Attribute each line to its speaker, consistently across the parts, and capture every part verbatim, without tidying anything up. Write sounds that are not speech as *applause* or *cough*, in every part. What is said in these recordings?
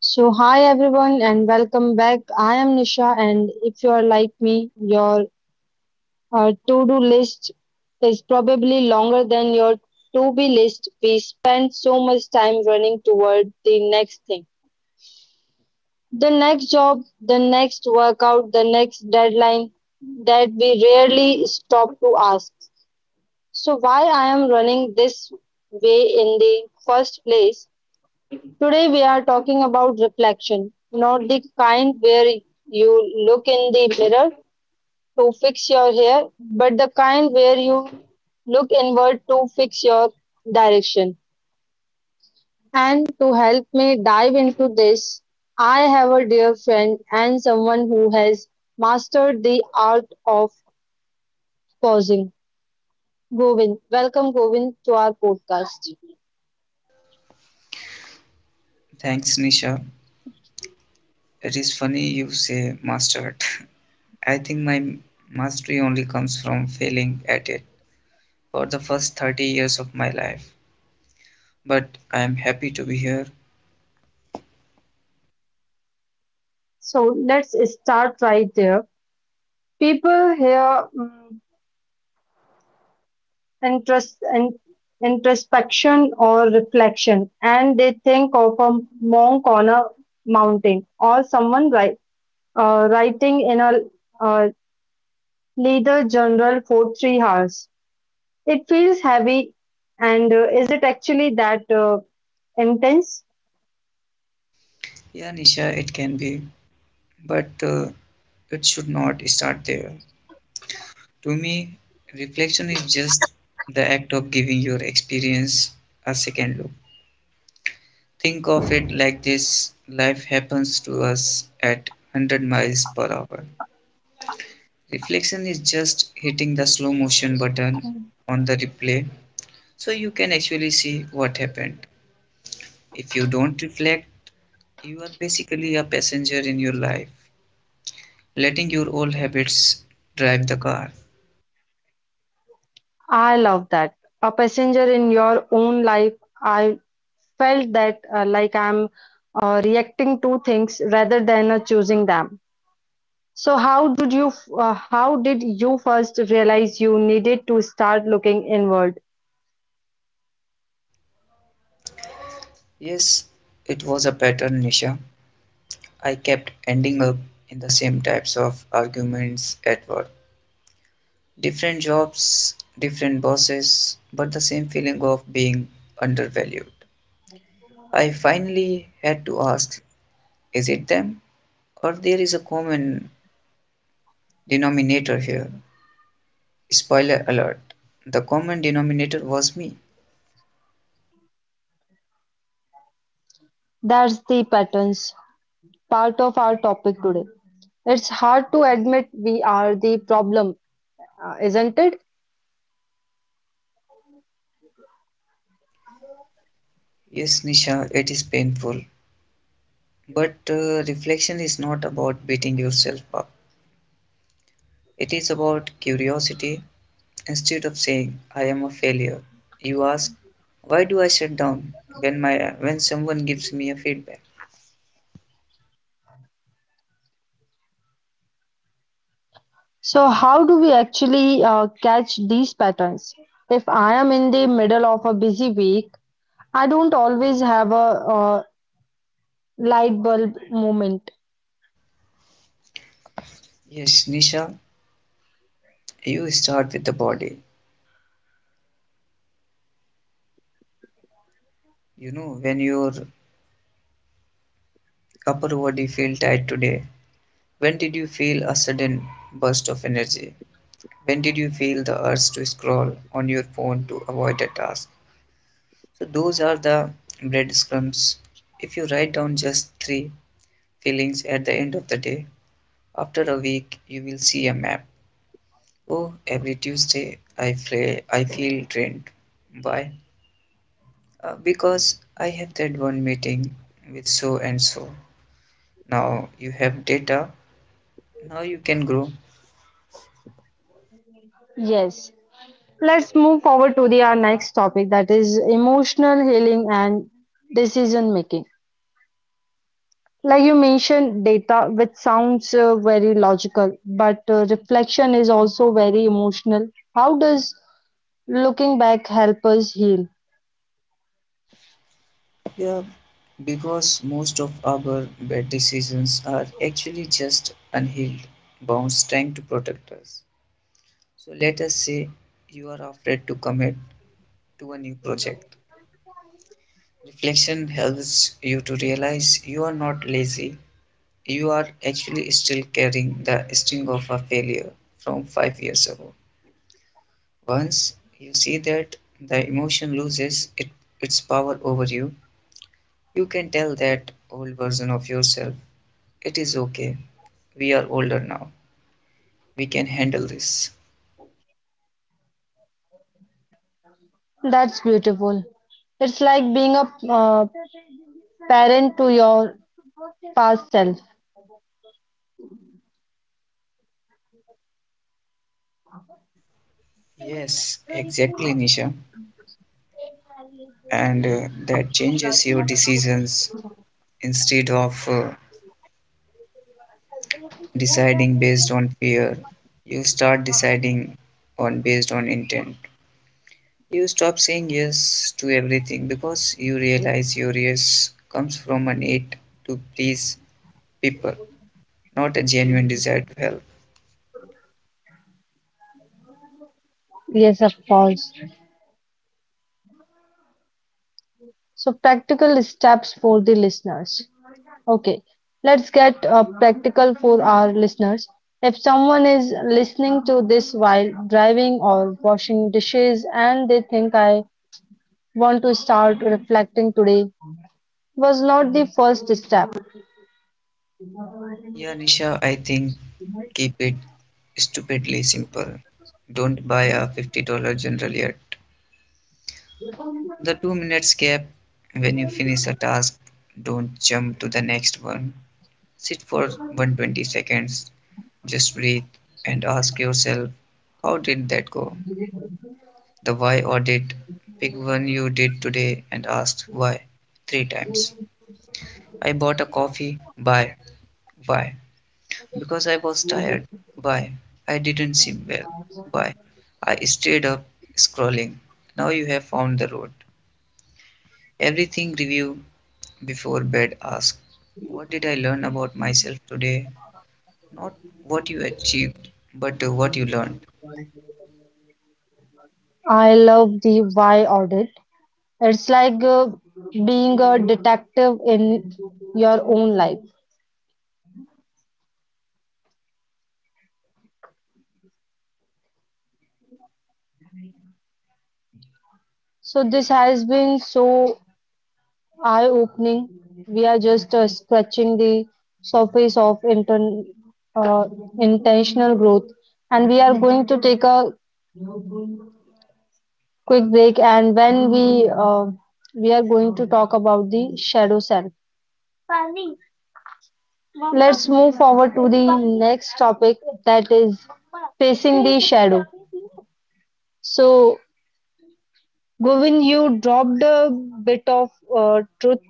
Speaker 1: So, hi everyone, and welcome back. I am Nisha, and if you are like me, your uh, to do list is probably longer than your to be list. We spend so much time running toward the next thing, the next job, the next workout, the next deadline that we rarely stop to ask. So, why I am running this way in the first place? Today we are talking about reflection, not the kind where you look in the mirror to fix your hair, but the kind where you look inward to fix your direction. And to help me dive into this, I have a dear friend and someone who has mastered the art of pausing. Govind, welcome Govind to our podcast.
Speaker 2: Thanks, Nisha. It is funny you say mastered. *laughs* I think my mastery only comes from failing at it for the first thirty years of my life. But I am happy to be here.
Speaker 1: So let's start right there. People hear mm, intros- in- introspection or reflection, and they think of a monk on a mountain or someone write, uh, writing in a uh, leather journal for three hours. It feels heavy, and uh, is it actually that uh, intense?
Speaker 2: Yeah, Nisha, it can be. But uh, it should not start there. To me, reflection is just the act of giving your experience a second look. Think of it like this life happens to us at one hundred miles per hour. Reflection is just hitting the slow motion button on the replay so you can actually see what happened. If you don't reflect, you are basically a passenger in your life, letting your old habits drive the car.
Speaker 1: I love that. A passenger in your own life, I felt that uh, like I'm uh, reacting to things rather than uh, choosing them. So how did you uh, how did you first realize you needed to start looking inward?
Speaker 2: Yes, it was a pattern, Nisha. I kept ending up in the same types of arguments at work. Different jobs, different bosses, but the same feeling of being undervalued. I finally had to ask, is it them? Or there is a common denominator here. Spoiler alert. The common denominator was me.
Speaker 1: That's the patterns part of our topic today. It's hard to admit we are the problem, uh, isn't it?
Speaker 2: Yes, Nisha, it is painful. But uh, reflection is not about beating yourself up. It is about curiosity. Instead of saying, I am a failure, you ask, why do I shut down when, my, when someone gives me a feedback?
Speaker 1: So, how do we actually uh, catch these patterns? If I am in the middle of a busy week, I don't always have a uh, light bulb moment.
Speaker 2: Yes, Nisha, you start with the body. You know, when your upper body feel tight today, when did you feel a sudden burst of energy? When did you feel the urge to scroll on your phone to avoid a task? So, those are the breadcrumbs. If you write down just three feelings at the end of the day, after a week you will see a map. Oh, every Tuesday I, fray, I feel drained. Why? Uh, because I have that one meeting with so and so. Now you have data, now you can grow.
Speaker 1: Yes, let's move forward to the our next topic that is emotional healing and decision making. Like you mentioned, data which sounds uh, very logical, but uh, reflection is also very emotional. How does looking back help us heal?
Speaker 2: Yeah, because most of our bad decisions are actually just unhealed wounds trying to protect us. So let us say you are afraid to commit to a new project. Reflection helps you to realize you are not lazy. You are actually still carrying the sting of a failure from five years ago. Once you see that the emotion loses it, its power over you, you can tell that old version of yourself it is okay. We are older now. We can handle this.
Speaker 1: That's beautiful. It's like being a uh, parent to your past self.
Speaker 2: Yes, exactly, Nisha. And uh, that changes your decisions. Instead of uh, deciding based on fear, you start deciding on based on intent. You stop saying yes to everything because you realize your yes comes from a need to please people, not a genuine desire to help.
Speaker 1: Yes, of course. So practical steps for the listeners. Okay, let's get uh, practical for our listeners. If someone is listening to this while driving or washing dishes and they think I want to start reflecting today, was not the first step.
Speaker 2: Yeah, Nisha, I think keep it stupidly simple. Don't buy a fifty dollars general yet. The two minutes gap when you finish a task, don't jump to the next one. Sit for one hundred twenty seconds, just breathe and ask yourself, how did that go? The why audit, pick one you did today and ask why three times. I bought a coffee, buy, why? Because I was tired. Why? I didn't seem well. Why? I stayed up scrolling. Now you have found the road. Everything review before bed ask what did I learn about myself today? Not what you achieved, but uh, what you learned.
Speaker 1: I love the why audit. It's like uh, being a detective in your own life. So this has been so eye opening. We are just uh, scratching the surface of intern, uh, intentional growth. And we are going to take a quick break. And when we uh, we are going to talk about the shadow self. Let's move forward to the next topic that is facing the shadow. So, Govind, you dropped a bit of uh, truth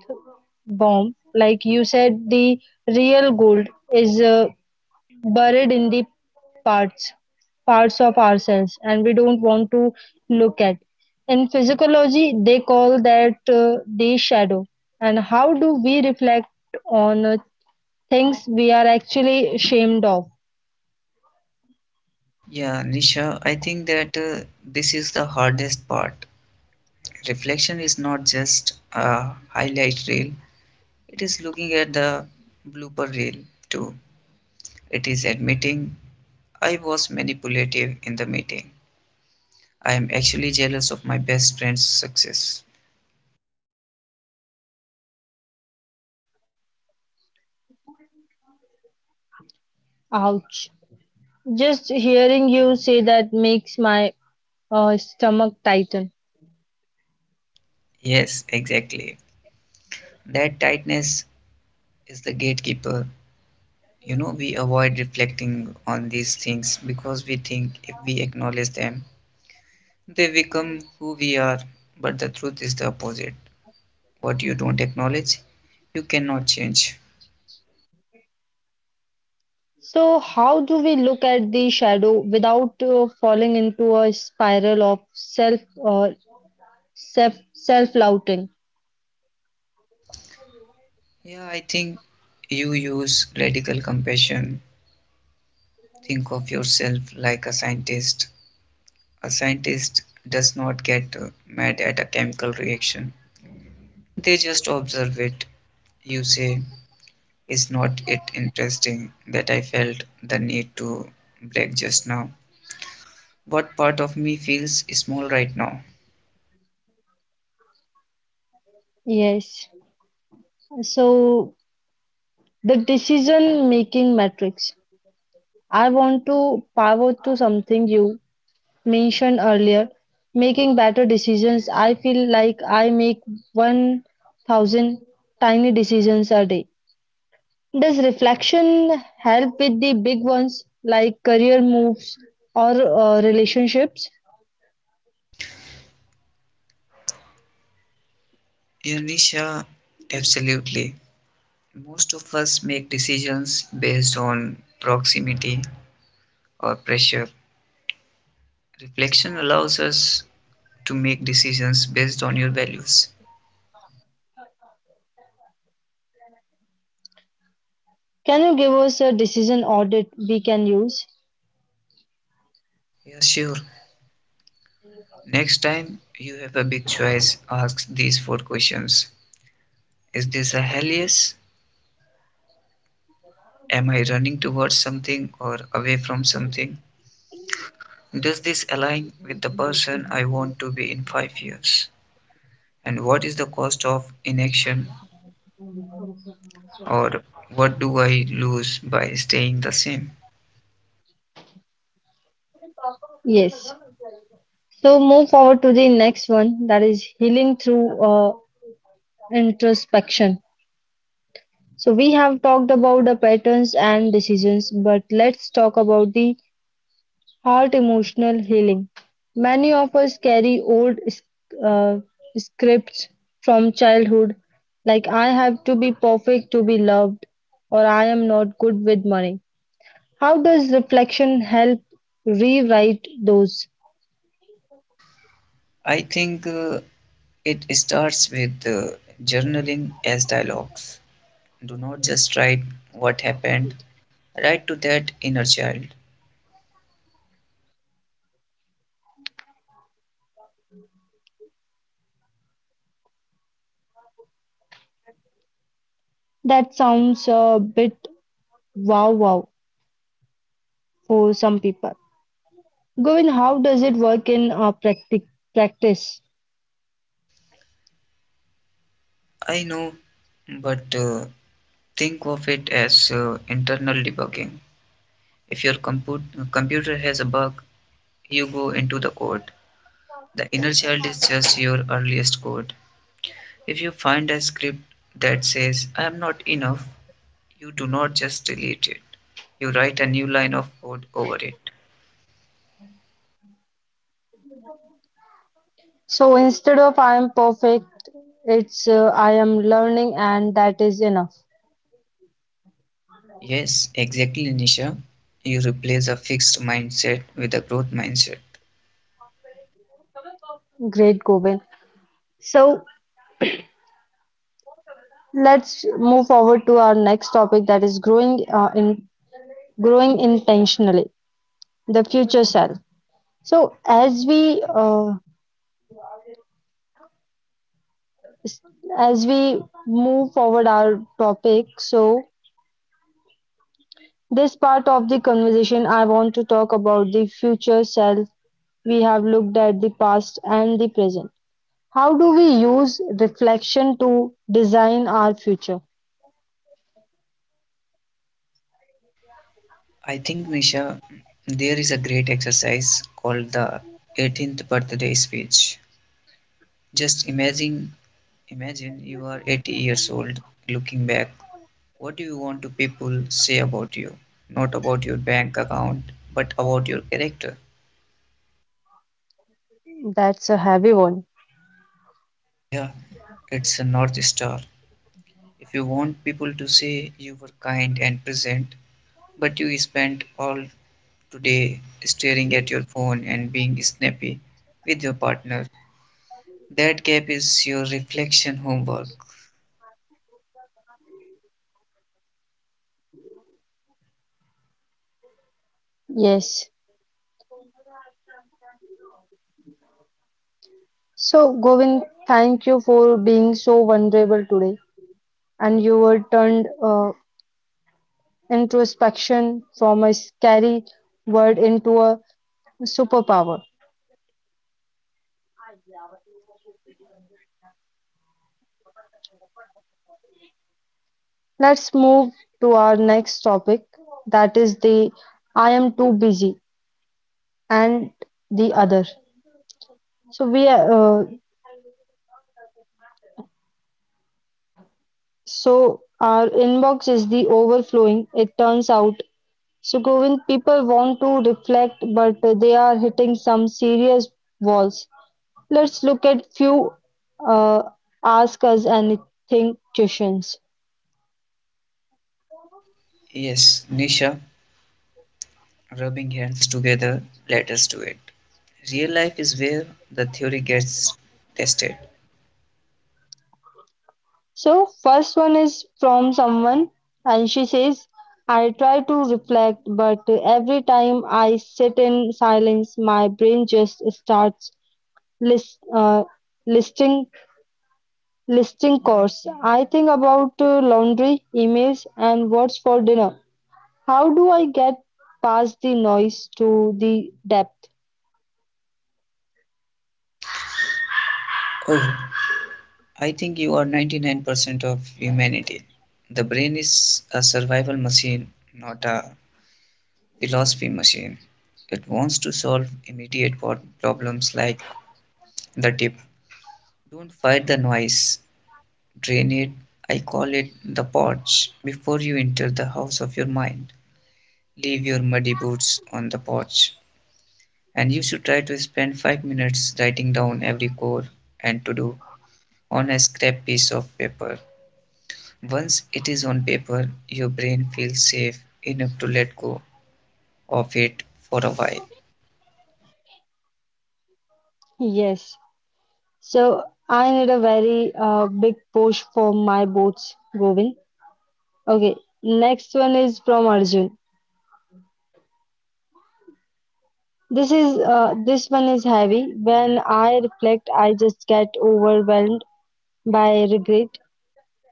Speaker 1: bomb. Like you said, the real gold is uh, buried in the parts parts of ourselves and we don't want to look at in physiology they call that uh, the shadow and how do we reflect on uh, things we are actually ashamed of.
Speaker 2: Yeah, Nisha, I think that uh, this is the hardest part. Reflection is not just a highlight reel, it is looking at the blooper reel too. It is admitting I was manipulative in the meeting. I am actually jealous of my best friend's success.
Speaker 1: Ouch, just hearing you say that makes my uh, stomach tighten.
Speaker 2: Yes, exactly. That tightness is the gatekeeper. You know, we avoid reflecting on these things because we think if we acknowledge them, they become who we are. But the truth is the opposite. What you don't acknowledge, you cannot change.
Speaker 1: So how do we look at the shadow without uh, falling into a spiral of self uh, self self-lauding?
Speaker 2: Yeah, I think you use radical compassion. Think of yourself like a scientist. A scientist does not get uh, mad at a chemical reaction. They just observe it. You say, is not it interesting that I felt the need to break just now? What part of me feels small right now?
Speaker 1: Yes. So the decision making matrix. I want to pivot to something you mentioned earlier, making better decisions. I feel like I make one thousand tiny decisions a day. Does reflection help with the big ones like career moves or uh, relationships?
Speaker 2: Yanisha, absolutely. Most of us make decisions based on proximity or pressure. Reflection allows us to make decisions based on your values.
Speaker 1: Can you give us a decision audit we can use?
Speaker 2: Yeah, sure. Next time you have a big choice, ask these four questions. Is this a hell yes? Am I running towards something or away from something? Does this align with the person I want to be in five years? And what is the cost of inaction or what do I lose by staying the same?
Speaker 1: Yes. So move forward to the next one that is healing through uh, introspection. So we have talked about the patterns and decisions, but let's talk about the heart emotional healing. Many of us carry old uh, scripts from childhood, like I have to be perfect to be loved, or I am not good with money. How does reflection help rewrite those?
Speaker 2: I think uh, it starts with uh, journaling as dialogues. Do not just write what happened, write to that inner child.
Speaker 1: That sounds a bit wow wow for some people. Govin, how does it work in uh, practic- practice?
Speaker 2: I know, but uh, think of it as uh, internal debugging. If your compu- computer has a bug, you go into the code. The inner child is just your earliest code. If you find a script that says, I am not enough, you do not just delete it. You write a new line of code over it.
Speaker 1: So instead of I am perfect, it's uh, I am learning and that is enough.
Speaker 2: Yes, exactly, Nisha. You replace a fixed mindset with a growth mindset.
Speaker 1: Great, Govind. So let's move forward to our next topic that is growing uh, in growing intentionally, the future self. So as we uh, s- as we move forward our topic, so this part of the conversation I want to talk about the future self. We have looked at the past and the present. How do we use reflection to design our future?
Speaker 2: I think, Misha, there is a great exercise called the eighteenth birthday speech. Just imagine, imagine you are eighty years old. Looking back, what do you want to people say about you? Not about your bank account, but about your character.
Speaker 1: That's a heavy one.
Speaker 2: Yeah, it's a north star. If you want people to say you were kind and present, but you spent all today staring at your phone and being snappy with your partner, that gap is your reflection homework.
Speaker 1: Yes. So, Govind, thank you for being so vulnerable today. And you were turned uh, introspection from a scary word into a superpower. Let's move to our next topic. That is the I am too busy and the other. So we are, uh, so our inbox is the overflowing. It turns out. So Govind, people want to reflect, but they are hitting some serious walls. Let's look at few uh, ask us anything questions.
Speaker 2: Yes, Nisha, rubbing hands together, let us do it. Real life is where the theory gets tested.
Speaker 1: So first one is from someone, and she says, "I try to reflect, but every time I sit in silence, my brain just starts list uh, listing listing costs. I think about uh, laundry, emails, and what's for dinner. How do I get past the noise to the depth?"
Speaker 2: Oh, I think you are ninety-nine percent of humanity. The brain is a survival machine, not a philosophy machine. It wants to solve immediate pro- problems like the tip. Don't fight the noise, drain it. I call it the porch before you enter the house of your mind. Leave your muddy boots on the porch. And you should try to spend five minutes writing down every chore and to do on a scrap piece of paper. Once it is on paper, your brain feels safe enough to let go of it for a while.
Speaker 1: Yes. So I need a very uh, big push for my boats, Govind. Okay. Next one is from Arjun. This is uh, this one is heavy. When I reflect, I just get overwhelmed by regret.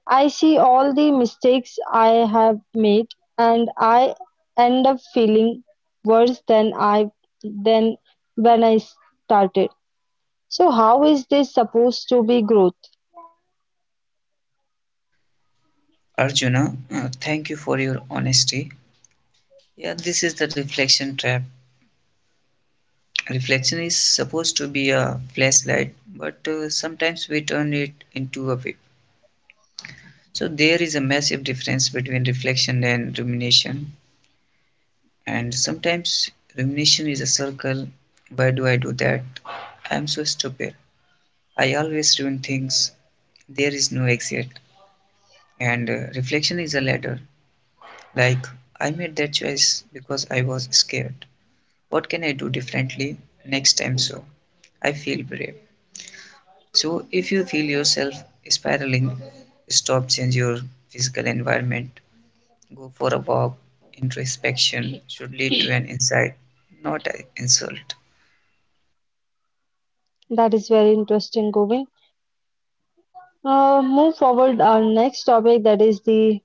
Speaker 1: I see all the mistakes I have made and I end up feeling worse than I than when I started. So how is this supposed to be growth?
Speaker 2: Arjuna, uh, thank you for your honesty. Yeah, this is the reflection trap. Reflection is supposed to be a flashlight, but uh, sometimes we turn it into a whip. So, there is a massive difference between reflection and rumination. And sometimes rumination is a circle. Why do I do that? I am so stupid. I always ruin things. There is no exit. And uh, reflection is a ladder. Like, I made that choice because I was scared. What can I do differently next time so I feel brave? So, if you feel yourself spiraling, stop, change your physical environment, go for a walk. Introspection should lead to an insight, not an insult.
Speaker 1: That is very interesting, Govind. Uh, move forward our next topic that is the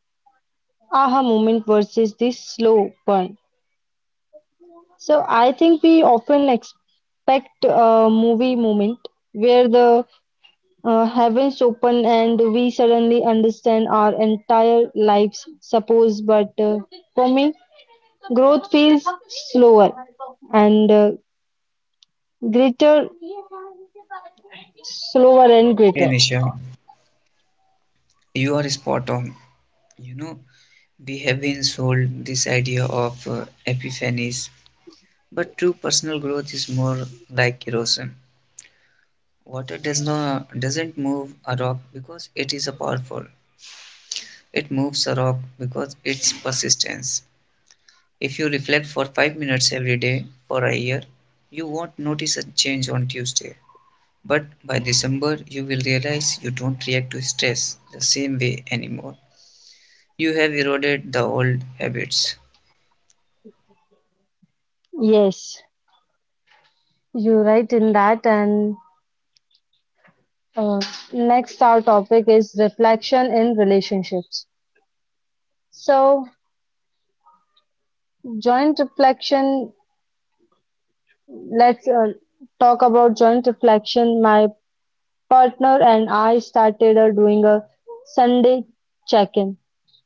Speaker 1: aha moment versus the slow burn. So I think we often expect a movie moment where the uh, heavens open and we suddenly understand our entire lives suppose but uh, for me growth feels slower and uh, greater slower and
Speaker 2: Okay,
Speaker 1: greater.
Speaker 2: Nisha, you are spot on. You know, we have been sold this idea of uh, epiphanies, but true personal growth is more like erosion. Water does not doesn't move a rock because it is a powerful. It moves a rock because its persistence. If you reflect for five minutes every day for a year, you won't notice a change on Tuesday. But by December, you will realize you don't react to stress the same way anymore. You have eroded the old habits.
Speaker 1: Yes, you're right in that and uh, next our topic is reflection in relationships, so joint reflection. Let's uh, talk about joint reflection. My partner and I started uh, doing a Sunday check-in.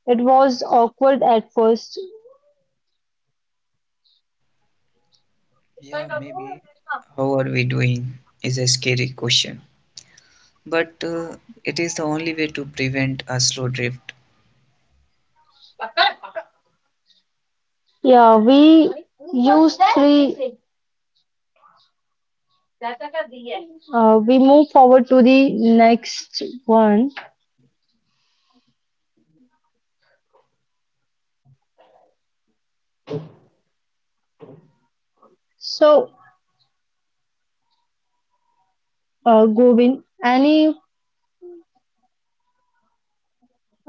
Speaker 1: It was awkward at first.
Speaker 2: Yeah, maybe. How are we doing is a scary question. But uh, it is the only way to prevent a slow drift.
Speaker 1: Yeah, we used three. Uh, we move forward to the next one. So, uh, Govind, any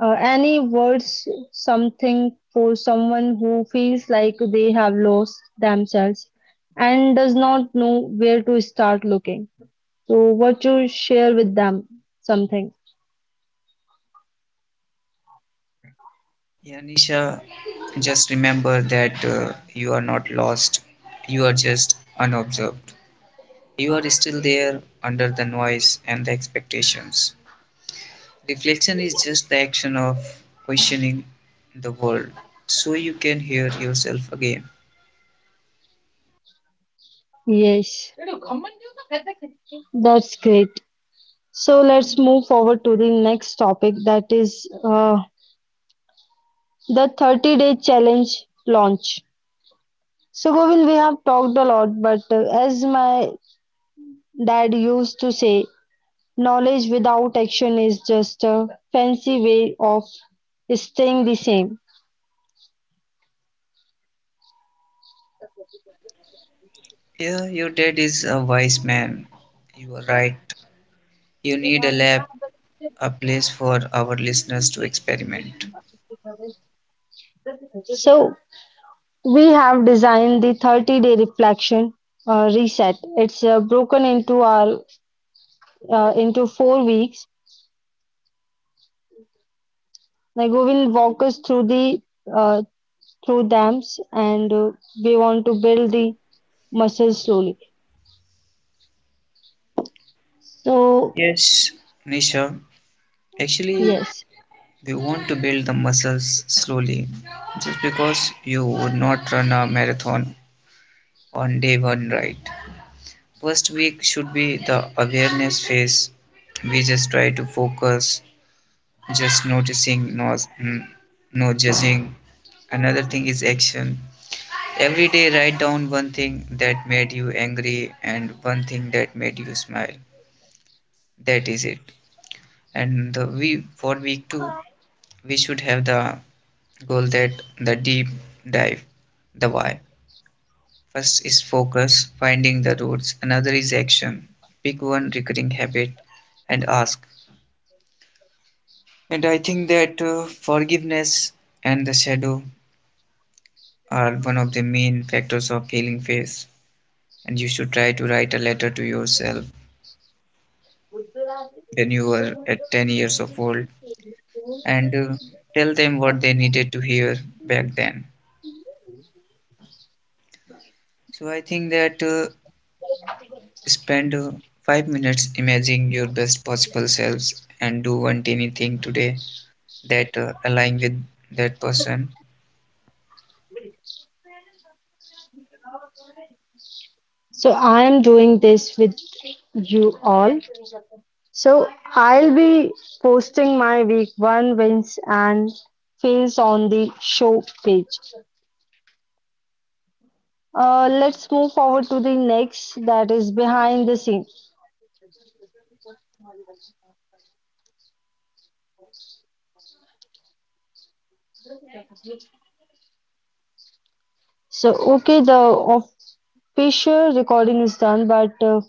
Speaker 1: uh, any words, something for someone who feels like they have lost themselves and does not know where to start looking. So, what you share with them, something.
Speaker 2: Yeah, Nisha, just remember that uh, you are not lost. You are just unobserved. You are still there under the noise and the expectations. Reflection is just the action of questioning the world so you can hear yourself again.
Speaker 1: Yes. That's great. So let's move forward to the next topic that is uh, the thirty day challenge launch. So, Govind, we have talked a lot, but uh, as my dad used to say, knowledge without action is just a fancy way of staying the same.
Speaker 2: Yeah, your dad is a wise man. You are right. You need a lab, a place for our listeners to experiment.
Speaker 1: So we have designed the thirty day reflection uh, reset. It's uh, broken into our uh, into four weeks. Now, Govind, walk us through the uh, through dams and uh, we want to build the muscle slowly. So,
Speaker 2: Yes, Nisha. Actually,
Speaker 1: yes,
Speaker 2: we want to build the muscles slowly. Just because you would not run a marathon on day one, right? First week should be the awareness phase. We just try to focus, just noticing, no, mm, no judging. Another thing is action. Every day, write down one thing that made you angry and one thing that made you smile. That is it. And the we for week two, we should have the goal that the deep dive, the why. First is focus, finding the roots. Another is action. Pick one recurring habit and ask. And I think that uh, forgiveness and the shadow are one of the main factors of healing phase. And you should try to write a letter to yourself when you were at ten years of old and uh, tell them what they needed to hear back then. So I think that uh, spend uh, five minutes imagining your best possible selves and do one tiny thing today that uh, align with that person.
Speaker 1: so I am doing this with you all. So, I'll be posting my week one wins and fails on the show page. Uh, let's move forward to the next that is behind the scene. So, okay, the official recording is done, but uh,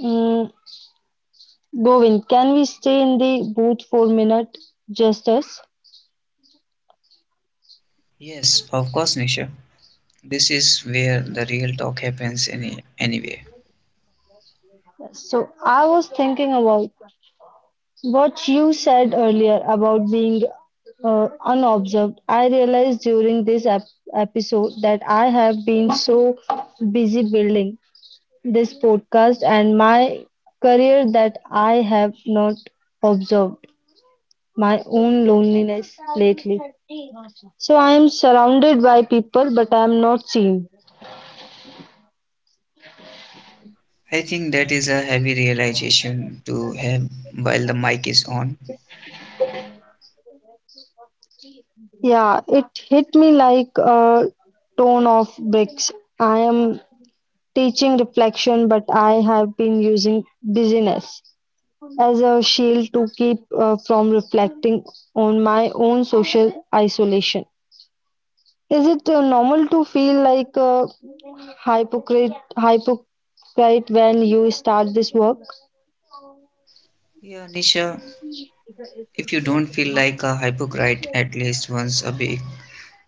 Speaker 1: mm, Govind, can we stay in the booth for a minute, just us?
Speaker 2: Yes, of course, Nisha. This is where the real talk happens any anyway.
Speaker 1: So, I was thinking about what you said earlier about being uh, unobserved. I realized during this ep- episode that I have been so busy building this podcast and my career that I have not observed my own loneliness lately. So, I am surrounded by people, but I am not seen.
Speaker 2: I think that is a heavy realization to have while the mic is on.
Speaker 1: Yeah, it hit me like a ton of bricks. I am teaching reflection, but I have been using busyness as a shield to keep uh, from reflecting on my own social isolation. Is it uh, normal to feel like a hypocrite, hypocrite when you start this work?
Speaker 2: Yeah, Nisha, if you don't feel like a hypocrite at least once a week,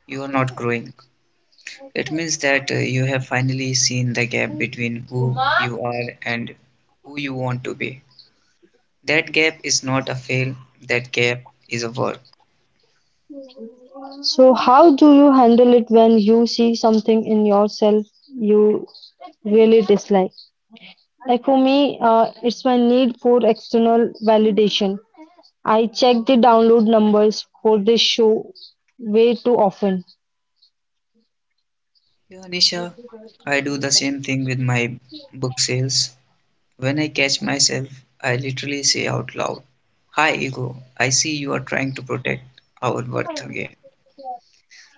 Speaker 2: you are not growing. It means that uh, you have finally seen the gap between who you are and who you want to be. That gap is not a fail, that gap is a work.
Speaker 1: So, how do you handle it when you see something in yourself you really dislike? Like for me, uh, it's my need for external validation. I check the download numbers for this show way too often.
Speaker 2: Yeah, Anisha, I do the same thing with my book sales. When I catch myself, I literally say out loud, hi, ego, I see you are trying to protect our worth again.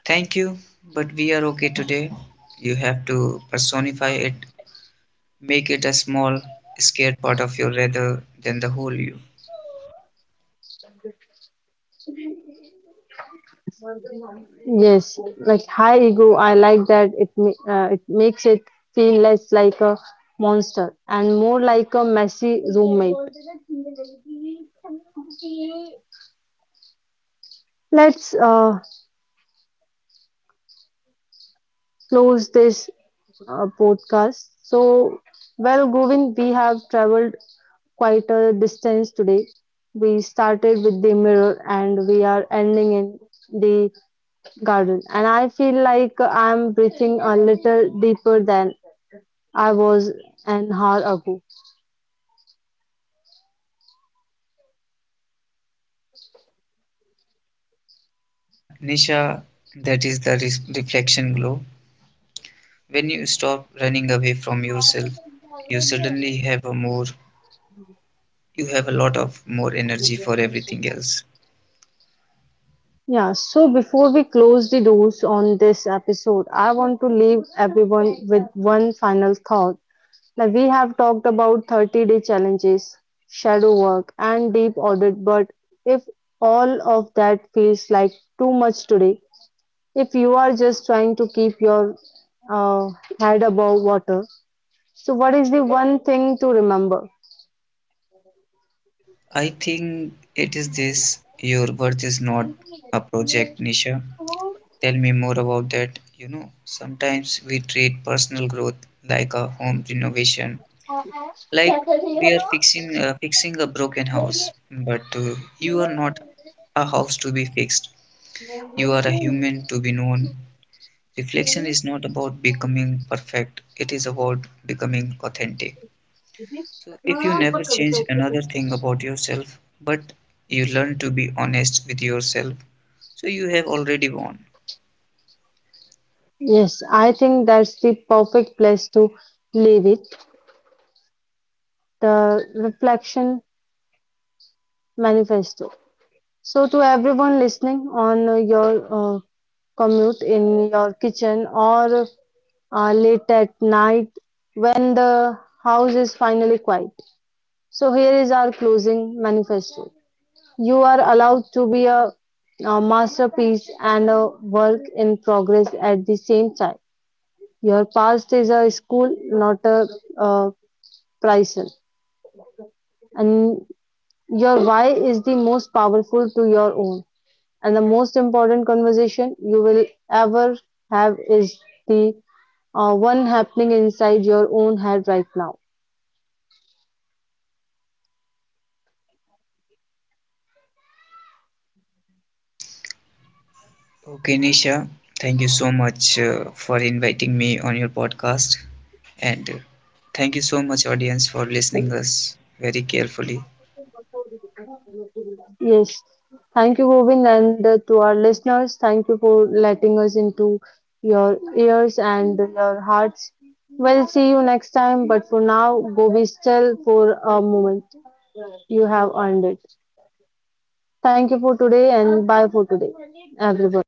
Speaker 2: Thank you, but we are okay today. You have to personify it, make it a small, scared part of you rather than the whole you.
Speaker 1: Yes, like high ego, I like that it ma- uh, it makes it feel less like a monster and more like a messy roommate. Let's uh, close this uh, podcast. So, well, Govind, we have traveled quite a distance today. We started with the mirror and we are ending in the garden. And I feel like I'm breathing a little deeper than I was an hour ago.
Speaker 2: Yeah, Nisha, that is the res- reflection glow. When you stop running away from yourself, you suddenly have a more, you have a lot of more energy for everything else.
Speaker 1: Yeah, so before we close the doors on this episode, I want to leave everyone with one final thought. Now we have talked about thirty-day challenges, shadow work, and deep audit, but if all of that feels like too much today, if you are just trying to keep your uh, head above water, so what is the one thing to remember?
Speaker 2: I think it is this your worth is not a project, Nisha. Tell me more about that. You know, sometimes we treat personal growth like a home renovation, like we are fixing uh, fixing a broken house, but uh, you are not a house to be fixed. You are a human to be known. Reflection is not about becoming perfect, it is about becoming authentic. So, if you never change another thing about yourself, but you learn to be honest with yourself, so you have already won.
Speaker 1: Yes, I think that's the perfect place to leave it. The reflection manifesto. So, to everyone listening on uh, your uh, commute, in your kitchen, or uh, late at night when the house is finally quiet. So, here is our closing manifesto. You are allowed to be a, a masterpiece and a work in progress at the same time. Your past is a school, not a, uh prison. And your why is the most powerful to your own. And the most important conversation you will ever have is the uh, one happening inside your own head right now.
Speaker 2: Okay, Nisha, thank you so much uh, for inviting me on your podcast, and uh, thank you so much, audience, for listening us very carefully.
Speaker 1: Yes. Thank you, Govind, and uh, to our listeners, thank you for letting us into your ears and your hearts. We'll see you next time, but for now, go be still for a moment. You have earned it. Thank you for today, and bye for today, everyone.